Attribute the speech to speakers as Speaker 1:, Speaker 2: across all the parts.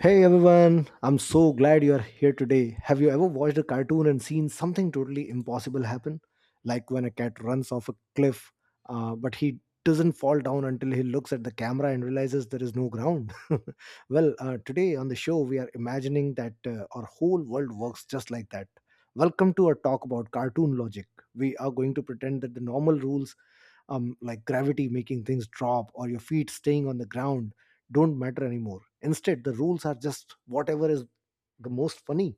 Speaker 1: Hey everyone, I'm so glad you're here today. Have you ever watched a cartoon and seen something totally impossible happen? Like when a cat runs off a cliff, but he doesn't fall down until he looks at the camera and realizes there is no ground. Today on the show, we are imagining that our whole world works just like that. Welcome to our talk about cartoon logic. We are going to pretend that the normal rules, like gravity making things drop or your feet staying on the ground, don't matter anymore. Instead, the rules are just whatever is the most funny.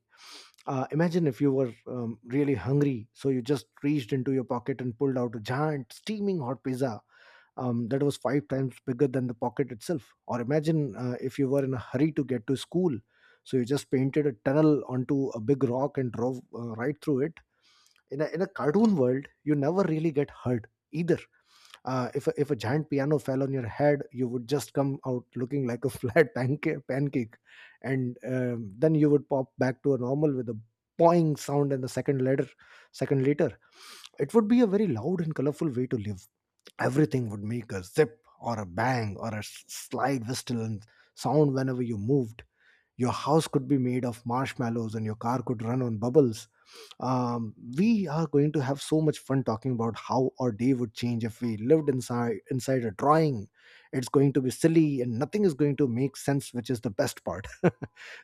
Speaker 1: Imagine if you were really hungry, so you just reached into your pocket and pulled out a giant, steaming hot pizza that was five times bigger than the pocket itself. Or imagine if you were in a hurry to get to school, so you just painted a tunnel onto a big rock and drove right through it. In a cartoon world you never really get hurt either. If a giant piano fell on your head you would just come out looking like a pancake, and then you would pop back to a normal with a boing sound and the second later. It would be a very loud and colorful way to live. Everything would make a zip or a bang or a slide whistle and sound whenever you moved. Your house could be made of marshmallows and your car could run on bubbles. We are going to have so much fun talking about how our day would change if we lived inside a drawing. It's going to be silly and nothing is going to make sense, which is the best part.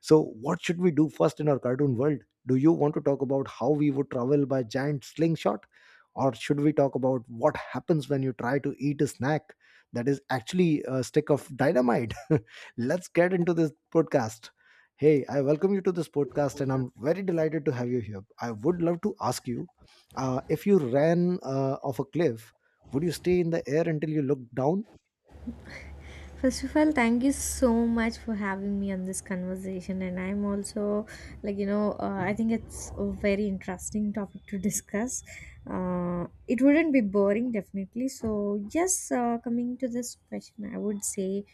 Speaker 1: So, what should we do first in our cartoon world? Do you want to talk about how we would travel by giant slingshot? Or should we talk about what happens when you try to eat a snack that is actually a stick of dynamite? Let's get into this podcast. Hey, I welcome you to this podcast and I'm very delighted to have you here. I would love to ask you, if you ran off a cliff, would you stay in the air until you looked down?
Speaker 2: First of all, thank you so much for having me on this conversation. And I'm also, like, I think it's a very interesting topic to discuss. It wouldn't be boring, definitely. So, yes, coming to this question, I would say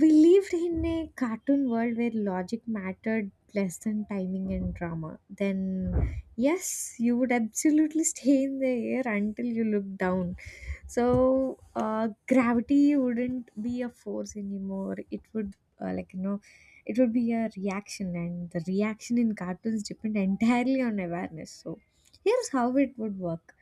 Speaker 2: we lived in a cartoon world where logic mattered less than timing and drama. Then, yes, you would absolutely stay in the air until you look down. So, gravity wouldn't be a force anymore. It would uh, like you know it would be a reaction, and the reaction in cartoons depend entirely on awareness. So here's how it would work.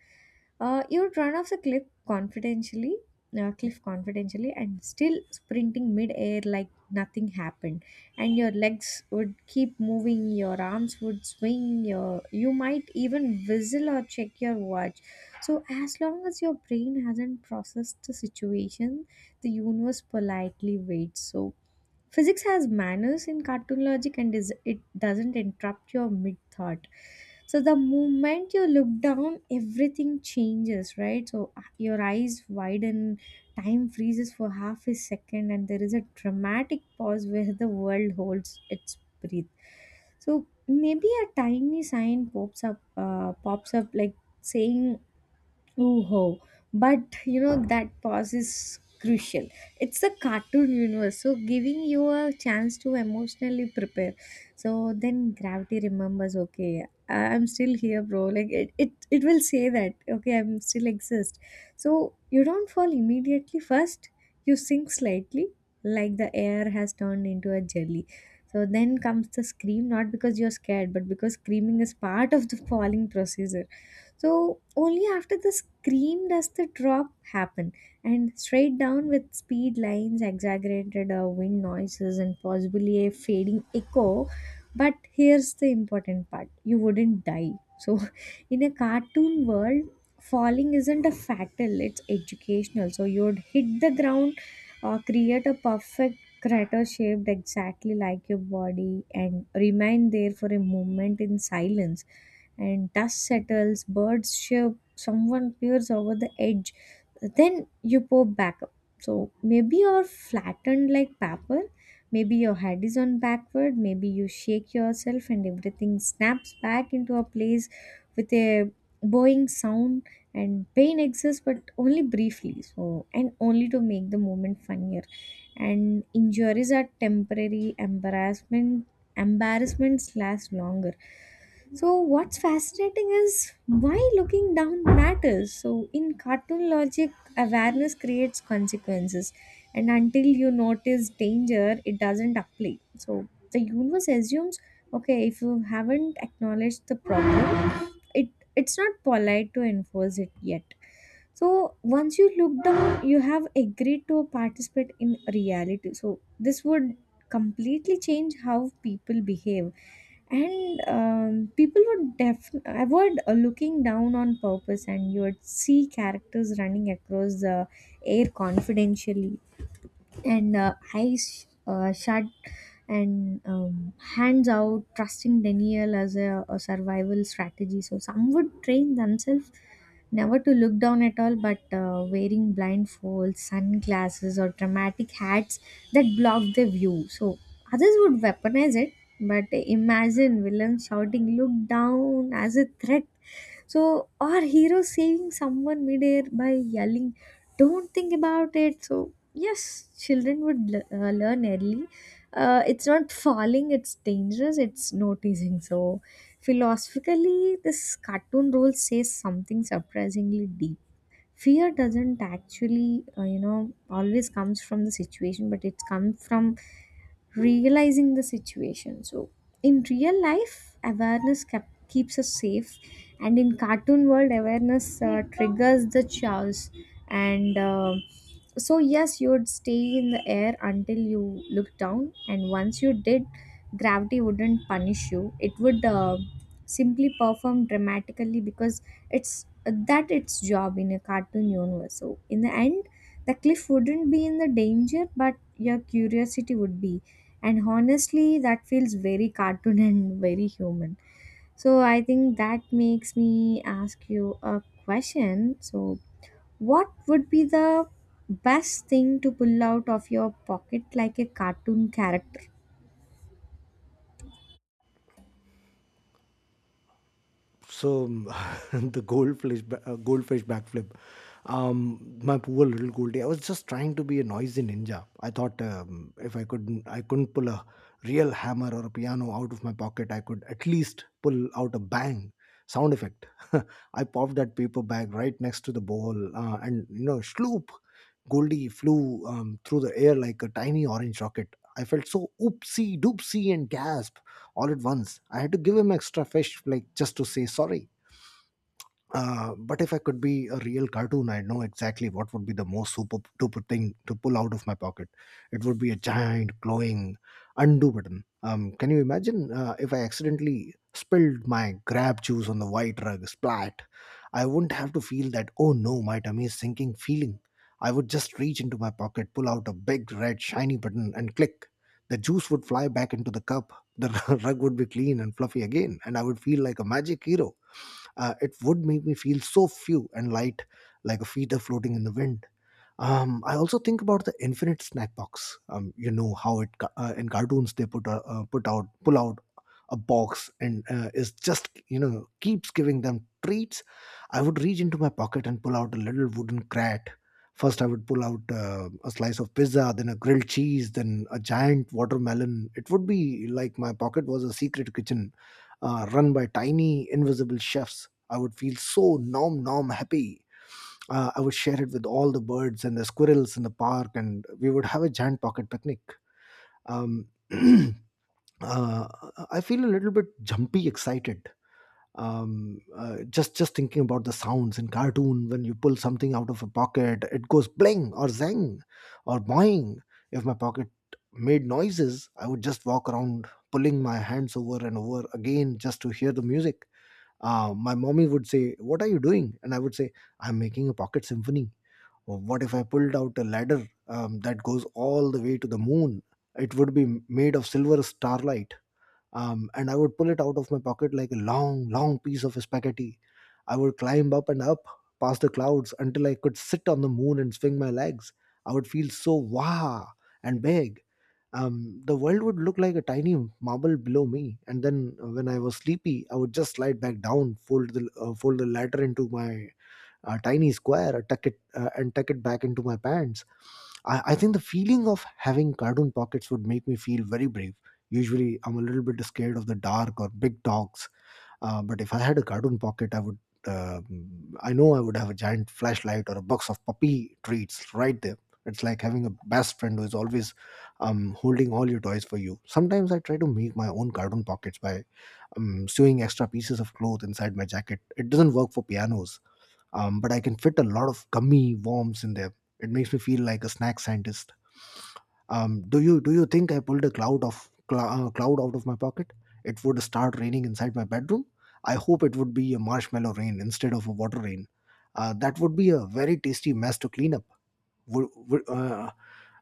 Speaker 2: You would run off the cliff confidentially, and still sprinting mid-air like nothing happened. And your legs would keep moving, your arms would swing, you might even whistle or check your watch. So, as long as your brain hasn't processed the situation, the universe politely waits. So, physics has manners in cartoon logic, and is, it doesn't interrupt your mid thought. So, the moment you look down, everything changes, right? So, your eyes widen, time freezes for half a second, and there is a dramatic pause where the world holds its breath. So, maybe a tiny sign pops up like saying "Oh," but you know that pause is crucial. It's a cartoon universe, so giving you a chance to emotionally prepare. So then gravity remembers, okay, I'm still here, bro. Like it will say that, okay, I'm still exist. So you don't fall immediately. First, you sink slightly, like the air has turned into a jelly. So then comes the scream, not because you're scared, but because screaming is part of the falling procedure. So only after the scream does the drop happen, and straight down with speed lines, exaggerated wind noises, and possibly a fading echo. But here's the important part: you wouldn't die. So, in a cartoon world, falling isn't a fatal; it's educational. So you'd hit the ground, create a perfect crater shaped exactly like your body, and remain there for a moment in silence, and dust settles, birds chirp, someone peers over the edge, then you pop back up. So maybe you're flattened like paper, maybe your head is on backward, maybe you shake yourself and everything snaps back into a place with a bowing sound. And pain exists but only briefly, so, and only to make the moment funnier. And injuries are temporary embarrassments last longer. So, what's fascinating is why looking down matters. So, in cartoon logic, awareness creates consequences, and until you notice danger, it doesn't apply. So, the universe assumes, okay, if you haven't acknowledged the problem, it it's not polite to enforce it yet. So, once you look down, you have agreed to participate in reality. So, this would completely change how people behave. And people would def avoid looking down on purpose, and you would see characters running across the air confidentially, and eyes shut, and hands out, trusting denial as a survival strategy. So some would train themselves never to look down at all, but wearing blindfolds, sunglasses, or dramatic hats that block the view. So others would weaponize it, but imagine villains shouting, "Look down!" as a threat. So, or heroes saving someone midair by yelling, "Don't think about it!" So yes, children would learn early. It's not falling, it's dangerous, it's noticing. So, philosophically, this cartoon role says something surprisingly deep. Fear doesn't actually always comes from the situation, but it's come from realizing the situation. So in real life awareness keeps us safe, and in cartoon world awareness triggers the chaos. And so yes, you would stay in the air until you look down, and once you did, gravity wouldn't punish you. It would simply perform dramatically because it's that its job in a cartoon universe. So in the end, the cliff wouldn't be in the danger, but your curiosity would be. And honestly, that feels very cartoon and very human. So I think that makes me ask you a question. So what would be the best thing to pull out of your pocket like a cartoon character?
Speaker 1: So, the goldfish backflip. My poor little Goldie, I was just trying to be a noisy ninja. I thought, if I couldn't pull a real hammer or a piano out of my pocket, I could at least pull out a bang sound effect. I popped that paper bag right next to the bowl, and you know, sloop, Goldie flew through the air like a tiny orange rocket. I felt so oopsie doopsie and gasp all at once. I had to give him extra fish, like just to say sorry. But if I could be a real cartoon, I'd know exactly what would be the most super duper thing to pull out of my pocket. It would be a giant glowing undo button. Can you imagine if I accidentally spilled my grab juice on the white rug, splat? I wouldn't have to feel that, oh no, my tummy is sinking feeling. I would just reach into my pocket, pull out a big red shiny button, and click. The juice would fly back into the cup. The rug would be clean and fluffy again, and I would feel like a magic hero. It would make me feel so few and light, like a feather floating in the wind. I also think about the infinite snack box. You know how in cartoons they put a, put out pull out a box and is just, you know, keeps giving them treats. I would reach into my pocket and pull out a little wooden crate. First, I would pull out a slice of pizza, then a grilled cheese, then a giant watermelon. It would be like my pocket was a secret kitchen run by tiny invisible chefs. I would feel so nom nom happy. I would share it with all the birds and the squirrels in the park, and we would have a giant pocket picnic. Um, uh, I feel a little bit jumpy, excited. Just thinking about the sounds in cartoon when you pull something out of a pocket, it goes bling or zang or boing. If my pocket made noises, I would just walk around pulling my hands over and over again just to hear the music. My mommy would say, "What are you doing?" and I would say, "I'm making a pocket symphony." What if I pulled out a ladder that goes all the way to the moon? It would be made of silver starlight. And I would pull it out of my pocket like a long, long piece of spaghetti. I would climb up and up past the clouds until I could sit on the moon and swing my legs. I would feel so wow and big. The world would look like a tiny marble below me, and then when I was sleepy, I would just slide back down, fold the ladder into my a tiny square, I tuck it and tuck it back into my pants. I think the feeling of having cartoon pockets would make me feel very brave. Usually, I'm a little bit scared of the dark or big dogs, but if I had a cartoon pocket, I would. I know I would have a giant flashlight or a box of puppy treats right there. It's like having a best friend who is always holding all your toys for you. Sometimes I try to make my own cartoon pockets by sewing extra pieces of cloth inside my jacket. It doesn't work for pianos, but I can fit a lot of gummy worms in there. It makes me feel like a snack scientist. Do you think I pulled a cloud out of my pocket? It would start raining inside my bedroom. I hope it would be a marshmallow rain instead of a water rain. That would be a very tasty mess to clean up. Would, would, uh,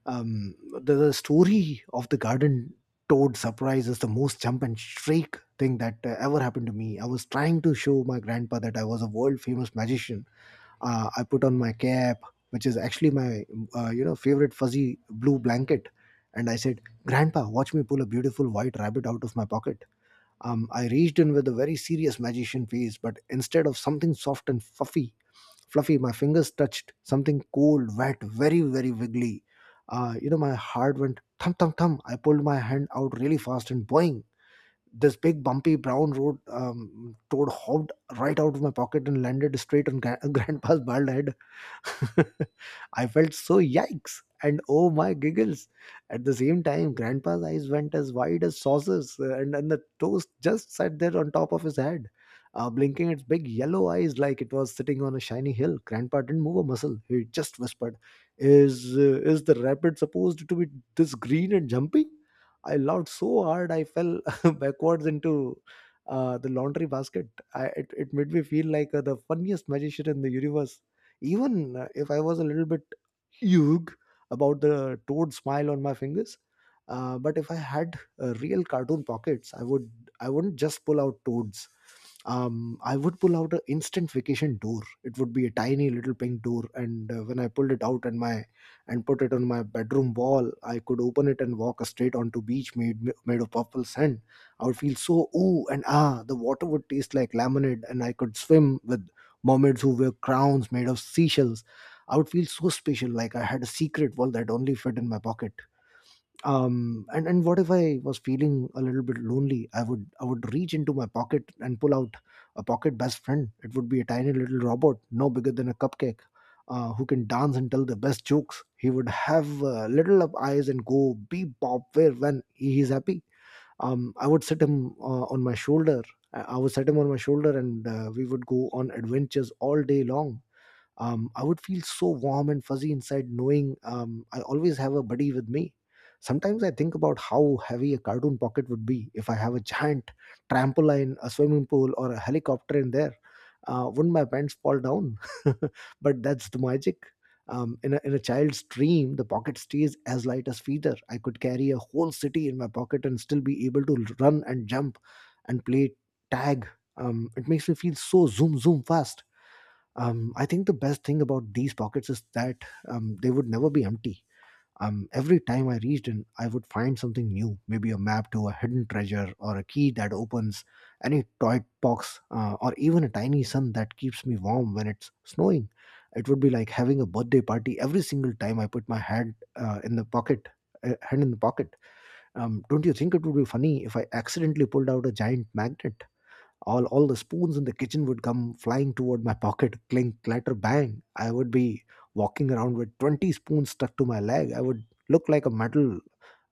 Speaker 1: um, the story of the garden toad surprise is the most jump and shriek thing that ever happened to me. I was trying to show my grandpa that I was a world famous magician. I put on my cap, which is actually my favorite fuzzy blue blanket, and I said, "Grandpa, watch me pull a beautiful white rabbit out of my pocket." I reached in with a very serious magician face, but instead of something soft and fluffy, my fingers touched something cold, wet, very very wiggly. You know, my heart went thump thump thump. I pulled my hand out really fast and boing, this big bumpy brown road toad hopped right out of my pocket and landed straight on grandpa's bald head. I felt so yikes and oh my giggles. At the same time, Grandpa's eyes went as wide as saucers, and the toast just sat there on top of his head, blinking its big yellow eyes like it was sitting on a shiny hill. Grandpa didn't move a muscle. He just whispered, is the rabbit supposed to be this green and jumpy?" I laughed so hard I fell backwards into the laundry basket. It made me feel like the funniest magician in the universe, even if I was a little bit eug about the toad smile on my fingers. But if I had real cartoon pockets, I wouldn't just pull out toads. I would pull out an instant vacation door. It would be a tiny little pink door, and when I pulled it out and my and put it on my bedroom wall, I could open it and walk straight onto beach made made of purple sand. I would feel so ooh and ah. The water would taste like lemonade, and I could swim with mermaids who wear crowns made of seashells. I would feel so special, like I had a secret world that only fit in my pocket. And what if I was feeling a little bit lonely? I would reach into my pocket and pull out a pocket best friend. It would be a tiny little robot no bigger than a cupcake, who can dance and tell the best jokes. He would have little up eyes and go beep bop where when he is happy. I would sit him on my shoulder. I would set him on my shoulder, and we would go on adventures all day long. I would feel so warm and fuzzy inside, knowing I always have a buddy with me. Sometimes I think about how heavy a cartoon pocket would be if I have a giant trampoline, a swimming pool, or a helicopter in there. Wouldn't my pants fall down? But that's the magic. In a child's dream, the pocket stays as light as feather. I could carry a whole city in my pocket and still be able to run and jump and play tag. It makes me feel so zoom, zoom fast. I think the best thing about these pockets is that they would never be empty. Every time I reached in, I would find something new, maybe a map to a hidden treasure or a key that opens any toy box, or even a tiny sun that keeps me warm when it's snowing. It would be like having a birthday party every single time I put my hand hand in the pocket. Don't you think it would be funny if I accidentally pulled out a giant magnet? All the spoons in the kitchen would come flying toward my pocket. Clink, clatter, bang! I would be walking around with 20 spoons stuck to my leg. I would look like a metal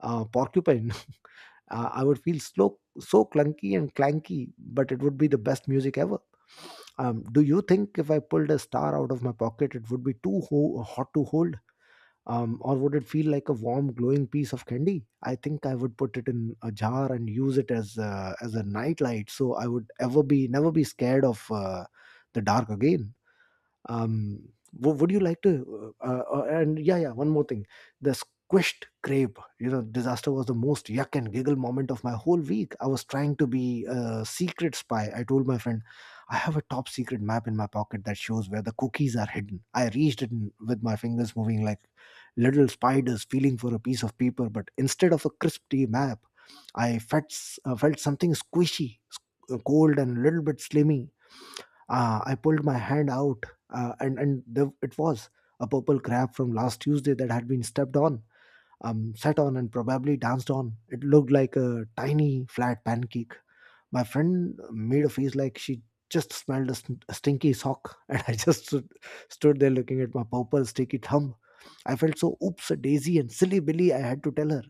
Speaker 1: porcupine. I would feel slow, so clunky and clanky, but it would be the best music ever. Um, do you think if I pulled a star out of my pocket it would be too hot to hold? Um, or would it feel like a warm glowing piece of candy? I think I would put it in a jar and use it as a nightlight, so I would ever be never be scared of the dark again. Would you like to and yeah, yeah, one more thing. The squished grape, you know, disaster was the most yuck and giggle moment of my whole week. I was trying to be a secret spy. I told my friend, I have a top secret map in my pocket that shows where the cookies are hidden. I reached with my fingers moving like little spiders, feeling for a piece of paper, but instead of a crisp tea map, I felt something squishy, cold, and a little bit slimy. I pulled my hand out, and there it was, a purple crab from last Tuesday that had been stepped on, sat on, and probably danced on. It looked like a tiny, flat pancake. My friend made a face like she just smelled a stinky sock, and I just stood there looking at my purple, sticky thumb. I felt so oops, daisy, and silly Billy. I had to tell her.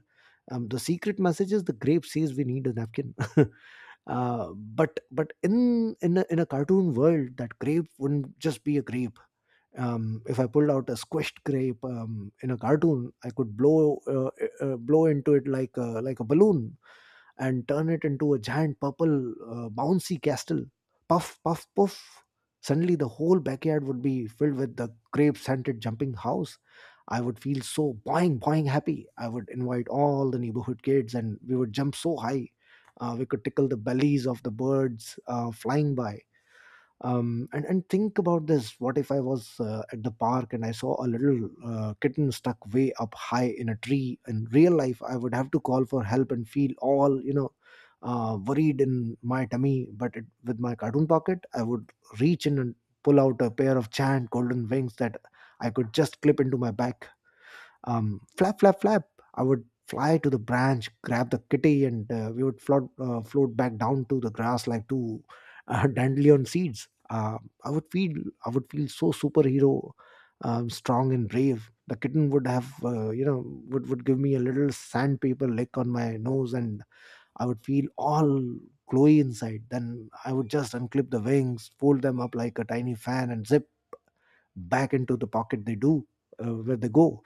Speaker 1: The secret message is the grape says we need a napkin. But in a cartoon world, that grape wouldn't just be a grape. If I pulled out a squished grape in a cartoon, I could blow blow into it like a balloon and turn it into a giant purple bouncy castle. Puff, puff, puff. Suddenly, the whole backyard would be filled with the grape scented jumping house. I would feel so boing, boing happy. I would invite all the neighborhood kids, and we would jump so high. We could tickle the bellies of the birds flying by. And think about this: what if I was at the park and I saw a little kitten stuck way up high in a tree? In real life I would have to call for help and feel all, you know, worried in my tummy, but with my cartoon pocket I would reach in and pull out a pair of giant golden wings that I could just clip into my back. Um, flap, flap, flap. I would fly to the branch, grab the kitty, and we would float back down to the grass like two dandelion seeds. I would feel, I would feel so superhero, strong and brave. The kitten would have, you know, would give me a little sandpaper lick on my nose, and I would feel all glowy inside. Then I would just unclip the wings, fold them up like a tiny fan, and zip back into the pocket they do, where they go.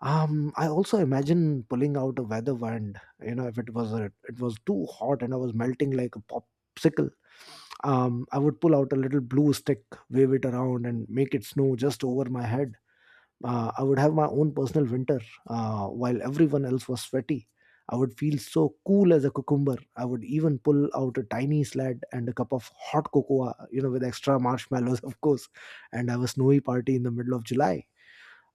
Speaker 1: Um, I also imagine pulling out a weather wand. You know, if it was too hot and I was melting like a popsicle, I would pull out a little blue stick, wave it around, and make it snow just over my head. I would have my own personal winter, while everyone else was sweaty. I would feel so cool as a cucumber. I would even pull out a tiny sled and a cup of hot cocoa, you know, with extra marshmallows, of course, and have a snowy party in the middle of July.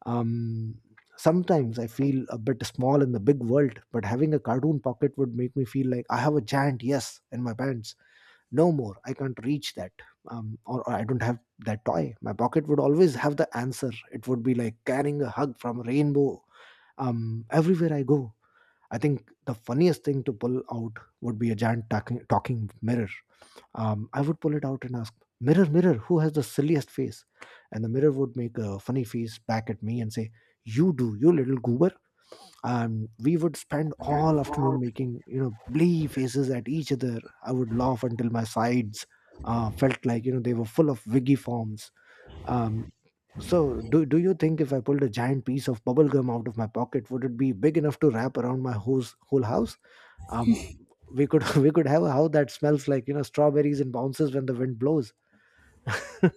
Speaker 1: Um, sometimes I feel a bit small in the big world, but having a cartoon pocket would make me feel like I have a giant yes in my pants. No more. I can't reach that. Or I don't have that toy. My pocket would always have the answer. It would be like carrying a hug from a rainbow everywhere I go. I think the funniest thing to pull out would be a giant talking mirror. I would pull it out and ask, "Mirror, mirror, who has the silliest face?" And the mirror would make a funny face back at me and say, "You do, you little goober." And we would spend all afternoon making, you know, blee faces at each other. I would laugh until my sides felt like, you know, they were full of wiggy forms. Um, so do you think if I pulled a giant piece of bubble gum out of my pocket, would it be big enough to wrap around my whole house? um we could we could have a how that smells like, you know, strawberries and bounces when the wind blows.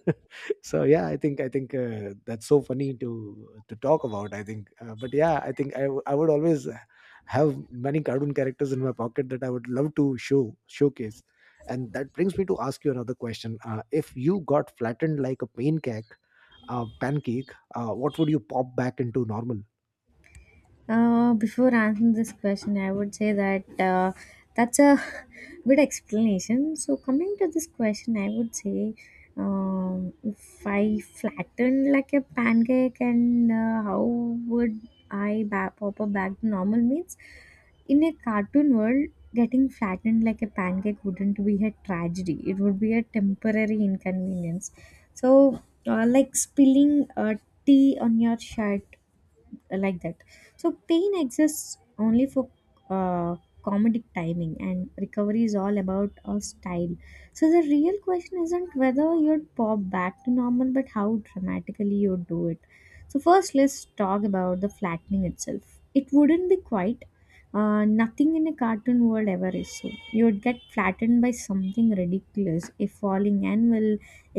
Speaker 1: So yeah, I think that's so funny to talk about. I think uh, but yeah, I think I would always have many cartoon characters in my pocket that I would love to showcase. And that brings me to ask you another question. If you got flattened like a pancake, what would you pop back into normal?
Speaker 2: Before answering this question, I would say that that's a good explanation. So, coming to this question, I would say if I flatten like a pancake, and how would pop up back to normal means in a cartoon world, getting flattened like a pancake wouldn't be a tragedy, it would be a temporary inconvenience. So, like spilling tea on your shirt, like that. So pain exists only for uh, comedic timing, and recovery is all about a style. So the real question isn't whether you'd pop back to normal, but how dramatically you do it. So first, let's talk about the flattening itself. It wouldn't be quite nothing in a cartoon world ever is. So you would get flattened by something ridiculous: a falling anvil,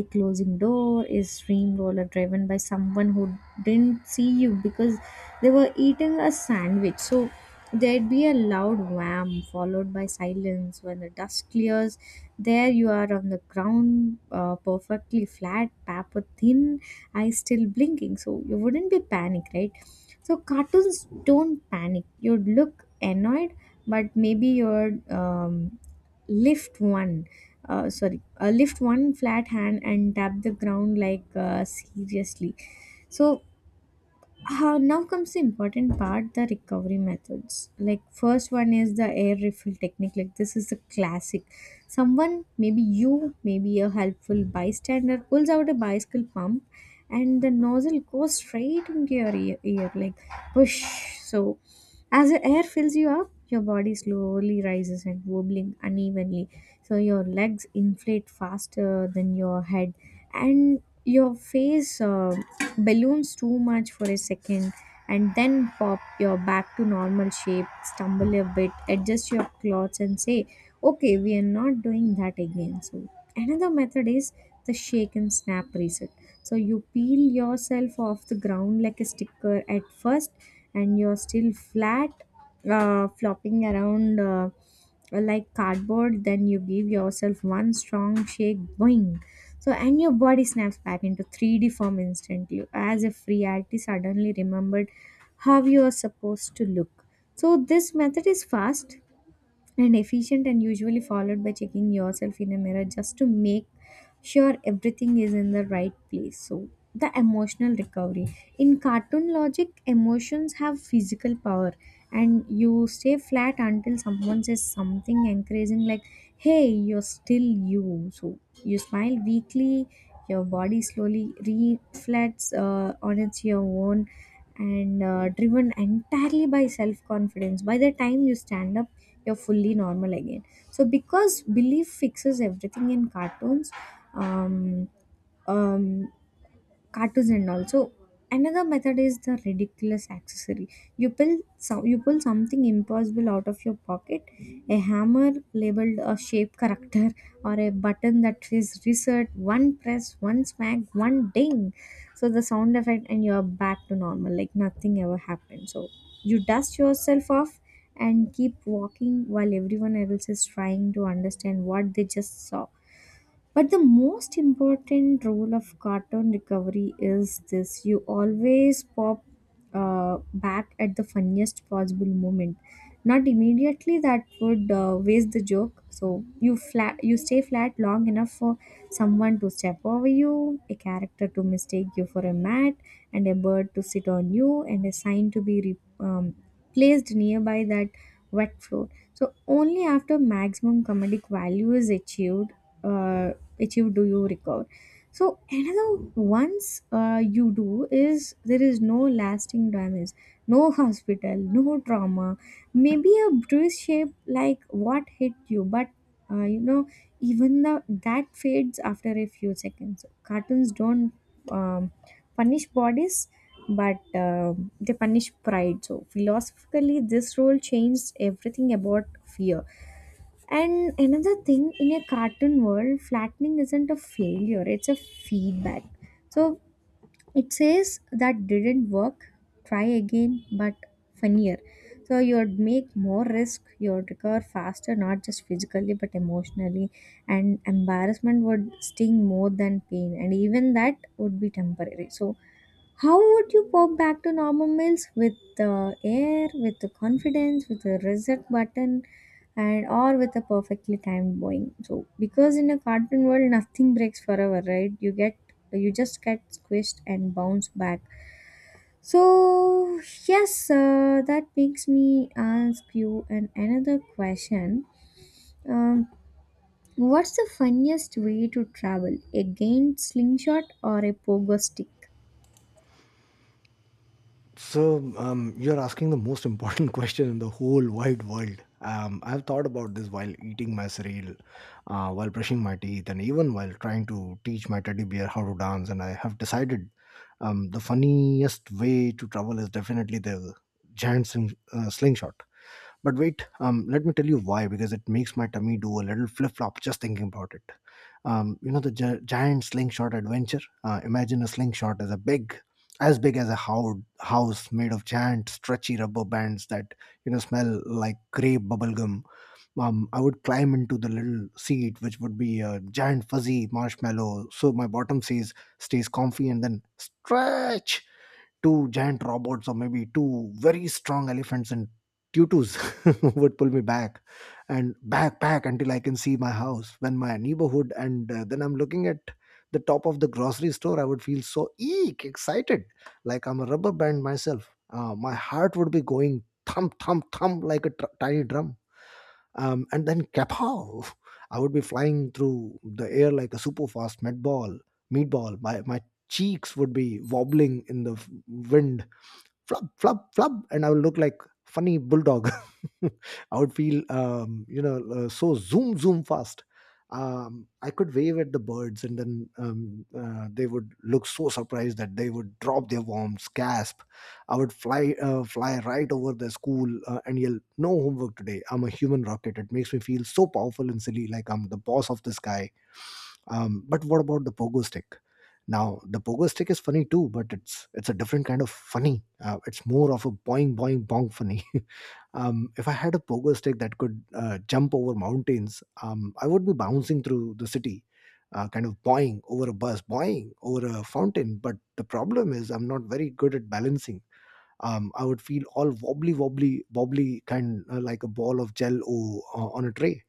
Speaker 2: a closing door, a streamroller driven by someone who didn't see you because they were eating a sandwich. So there'd be a loud wham followed by silence. When the dust clears, there you are on the ground, perfectly flat, paper thin, eyes still blinking. So you wouldn't be panic, right? So cartoons don't panic. You'd look annoyed, but maybe you'd lift one. Sorry, lift one flat hand and tap the ground like, seriously. So how, now comes the important part, the recovery methods. Like first one is the air refill technique. Like this is a classic: someone, maybe you, maybe a helpful bystander pulls out a bicycle pump and the nozzle goes straight into your ear, like push. So as the air fills you up, your body slowly rises and wobbling unevenly. So your legs inflate faster than your head, and your face balloons too much for a second, and then pop, your back to normal shape, stumble a bit, adjust your clothes, and say, "Okay, we are not doing that again." So, another method is the shake and snap reset. So you peel yourself off the ground like a sticker at first, and you're still flat, flopping around like cardboard. Then you give yourself one strong shake, boing. So, and your body snaps back into 3D form instantly, as if reality suddenly remembered how you are supposed to look. So, this method is fast and efficient, and usually followed by checking yourself in a mirror just to make sure everything is in the right place. So the emotional recovery, in cartoon logic emotions have physical power, and you stay flat until someone says something encouraging like, hey, you're still you. So you smile weakly, your body slowly reflects on its your own, and driven entirely by self confidence, by the time you stand up you're fully normal again. So because belief fixes everything in cartoons, um, um, cartoons and all. So another method is the ridiculous accessory. You pull some you pull something impossible out of your pocket: a hammer labeled a shape character, or a button that says reset. One press, one smack, one ding, so the sound effect, and you're back to normal like nothing ever happened. So you dust yourself off and keep walking while everyone else is trying to understand what they just saw. But the most important role of cartoon recovery is this: you always pop back at the funniest possible moment. Not immediately, that would waste the joke. So you flat, you stay flat long enough for someone to step over you, a character to mistake you for a mat, and a bird to sit on you, and a sign to be placed nearby that wet floor. So only after maximum comedic value is achieved uh, achieve do you recover. So another, once you do, is there is no lasting damage, no hospital, no trauma, maybe a bruise shape like what hit you, but uh, you know even the that fades after a few seconds. Cartoons don't um, punish bodies, but they punish pride. So philosophically this role changed everything about fear. And another thing, in a cartoon world, flattening isn't a failure, it's a feedback. So it says that didn't work, try again, but funnier. So you'd make more risk, you'd recover faster, not just physically but emotionally, and embarrassment would sting more than pain, and even that would be temporary. So how would you pop back to normal meals? With the air, with the confidence, with a reset button, and or with a perfectly timed Boeing? So, because in a cartoon world, nothing breaks forever, right? You just get squished and bounce back. So yes, that makes me ask you an another question. Um, what's the funniest way to travel? A gained slingshot or a pogo stick?
Speaker 1: So you're asking the most important question in the whole wide world. I've thought about this while eating my cereal, while brushing my teeth, and even while trying to teach my teddy bear how to dance. And I have decided the funniest way to travel is definitely the slingshot. But wait, let me tell you why, because it makes my tummy do a little flip flop just thinking about it. You know, the giant slingshot adventure? Imagine a slingshot as as big as a house made of giant stretchy rubber bands that, you know, smell like grape bubblegum. I would climb into the little seat, which would be a giant fuzzy marshmallow, so my bottom stays comfy. And then stretch. Two giant robots, or maybe two very strong elephants in tutus, would pull me back and back until I can see my house when my neighborhood, and then I'm looking at the top of the grocery store. I would feel so eek excited, like I'm a rubber band myself. My heart would be going thump thump thump like a tiny drum. Um, and then kapow, I would be flying through the air like a super fast meatball. My cheeks would be wobbling in the wind. Flub flub flub, and I will look like funny bulldog. I would feel you know so zoom zoom fast. I could wave at the birds, and then they would look so surprised that they would drop their worms. Gasp! I would fly right over the school, and yell, no homework today, I'm a human rocket! It makes me feel so powerful and silly, like I'm the boss of the sky. Um, but what about the pogo stick? Now the pogo stick is funny too, but it's a different kind of funny. It's more of a boing boing boing funny. If I had a pogo stick that could jump over mountains, I would be bouncing through the city, kind of boing over a bus, boing over a fountain. But the problem is, I'm not very good at balancing. I would feel all wobbly, wobbly, wobbly, kind like a ball of gel o, on a tray.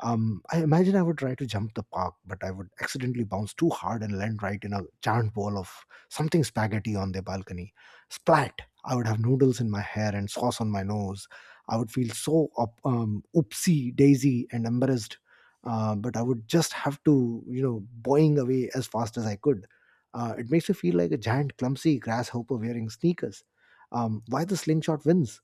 Speaker 1: I imagine I would try to jump the park, but I would accidentally bounce too hard and land right in a giant bowl of something spaghetti on their balcony. Splat! I would have noodles in my hair and sauce on my nose. I would feel so oopsie daisy and embarrassed, but I would just have to, boing away as fast as I could. It makes me feel like a giant clumsy grasshopper wearing sneakers. Why the slingshot wins?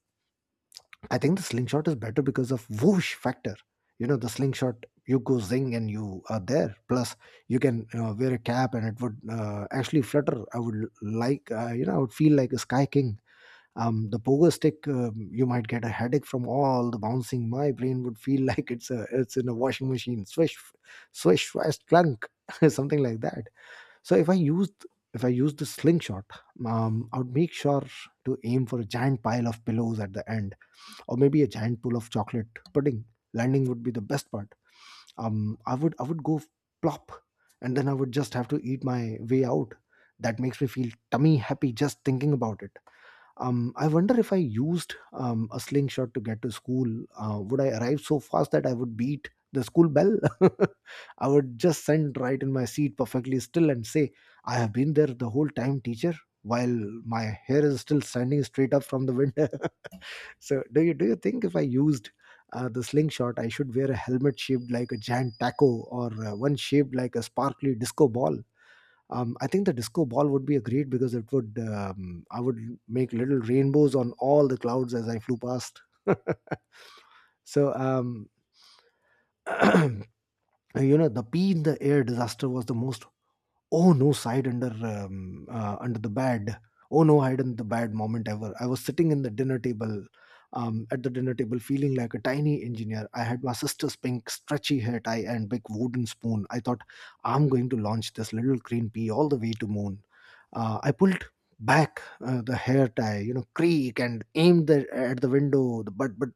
Speaker 1: I think the slingshot is better because of whoosh factor. The slingshot, you go zing and you are there. Plus, you can wear a cap and it would actually flutter. I would like, I would feel like a sky king. The pogo stick, you might get a headache from all the bouncing. My brain would feel like it's in a washing machine. Swish, swish, swish, clunk, something like that. So if I used, if I used the slingshot, I would make sure to aim for a giant pile of pillows at the end or maybe a giant pool of chocolate pudding. Landing would be the best part. I would go plop, and then I would just have to eat my way out. That makes me feel tummy happy just thinking about it. I wonder if I used a slingshot to get to school, would I arrive so fast that I would beat the school bell? I would just send right in my seat perfectly still and say, "I have been there the whole time, teacher," while my hair is still standing straight up from the wind. So, do you think if I used the slingshot, I should wear a helmet shaped like a giant taco or one shaped like a sparkly disco ball? I think the disco ball would be a great because it would I would make little rainbows on all the clouds as I flew past. So you know the pee in the air disaster was the most Oh no, side under under the bed. Oh no, hide in the bad moment ever. I was sitting in the dinner table, at the dinner table, feeling like a tiny engineer. I had my sister's pink stretchy hair tie and big wooden spoon. I thought, "I'm going to launch this little green pea all the way to moon." I pulled back the hair tie, creak and aimed at the window. But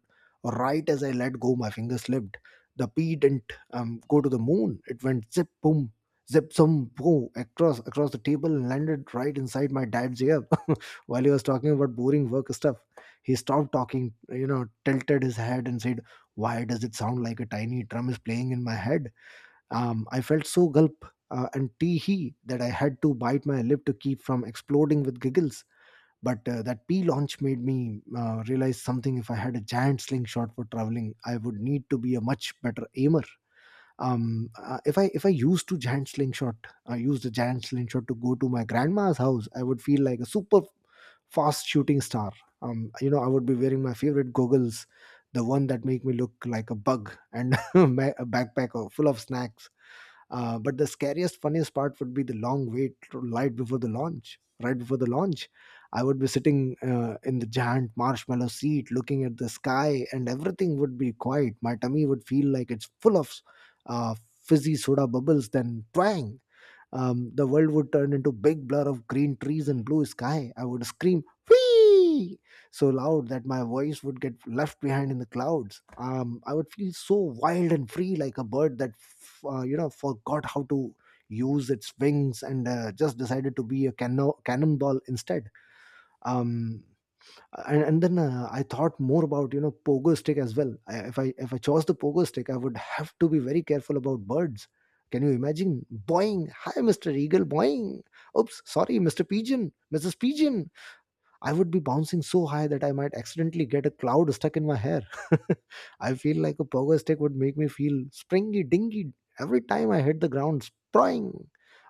Speaker 1: right as I let go, my finger slipped. The pea didn't go to the moon. It went zip boom zip some boom across the table and landed right inside my dad's ear while he was talking about boring work stuff. He stopped talking, tilted his head and said, "Why does it sound like a tiny drum is playing in my head?" I felt so gulp and tee hee that I had to bite my lip to keep from exploding with giggles. But that P launch made me realize something. If I had a giant slingshot for traveling, I would need to be a much better aimer. Um if I used to giant slingshot I used a giant slingshot to go to my grandma's house. I would feel like a super fast shooting star. I would be wearing my favorite goggles, the one that make me look like a bug, and my a backpack full of snacks. But the scariest, funniest part would be the long wait right before the launch. Right before the launch, I would be sitting in the giant marshmallow seat, looking at the sky, and everything would be quiet. My tummy would feel like it's full of uh, fizzy soda bubbles. Then twang! The world would turn into big blur of green trees and blue sky. I would scream, "Whee!" so loud that my voice would get left behind in the clouds. I would feel so wild and free, like a bird that, forgot how to use its wings and just decided to be a cannonball instead. Um, and then I thought more about pogo stick as well. I, if I if I chose the pogo stick, I would have to be very careful about birds. Can you imagine? Boing, hi Mr. Eagle, boing. Oops, sorry Mr. Pigeon, Mrs. Pigeon. I would be bouncing so high that I might accidentally get a cloud stuck in my hair. I feel like a pogo stick would make me feel springy dingy every time I hit the ground. Spring,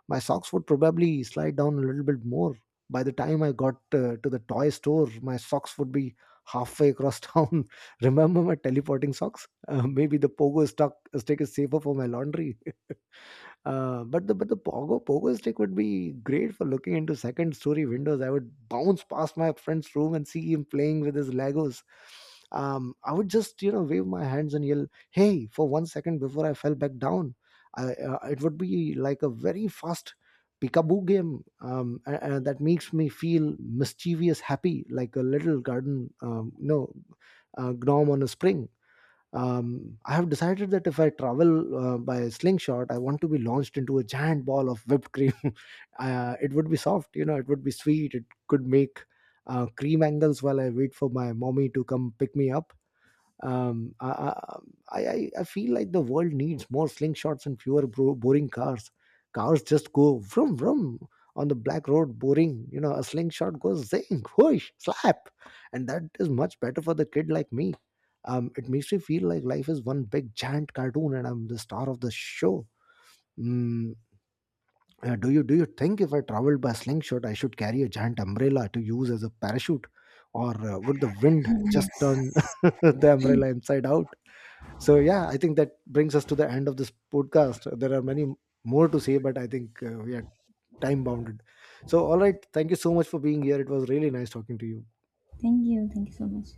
Speaker 1: my socks would probably slide down a little bit more. By the time I got to the toy store, my socks would be halfway across town. Remember my teleporting socks? Maybe the pogo stick is safer for my laundry. But the pogo stick would be great for looking into second story windows. I would bounce past my friend's room and see him playing with his Legos. I would just wave my hands and yell, "Hey!" for 1 second before I fell back down. It would be like a very fast peekaboo game that makes me feel mischievous, happy, like a little garden, gnome on a spring. I have decided that if I travel by slingshot, I want to be launched into a giant ball of whipped cream. It would be soft, it would be sweet. It could make cream angles while I wait for my mommy to come pick me up. I feel like the world needs more slingshots and fewer boring cars. Cars just go vroom vroom on the black road, boring. A slingshot goes zing, whoosh, slap, and that is much better for the kid like me. It makes me feel like life is one big giant cartoon, and I'm the star of the show. Mm, do you think if I traveled by slingshot, I should carry a giant umbrella to use as a parachute, or would the wind just
Speaker 2: Yes.
Speaker 1: turn the umbrella inside out? So yeah, I think that brings us to the end of this podcast. There are many more to say, but I think we are time bounded. So all right, thank you so much for being here. It was really nice talking to you.
Speaker 2: Thank you. Thank you so much.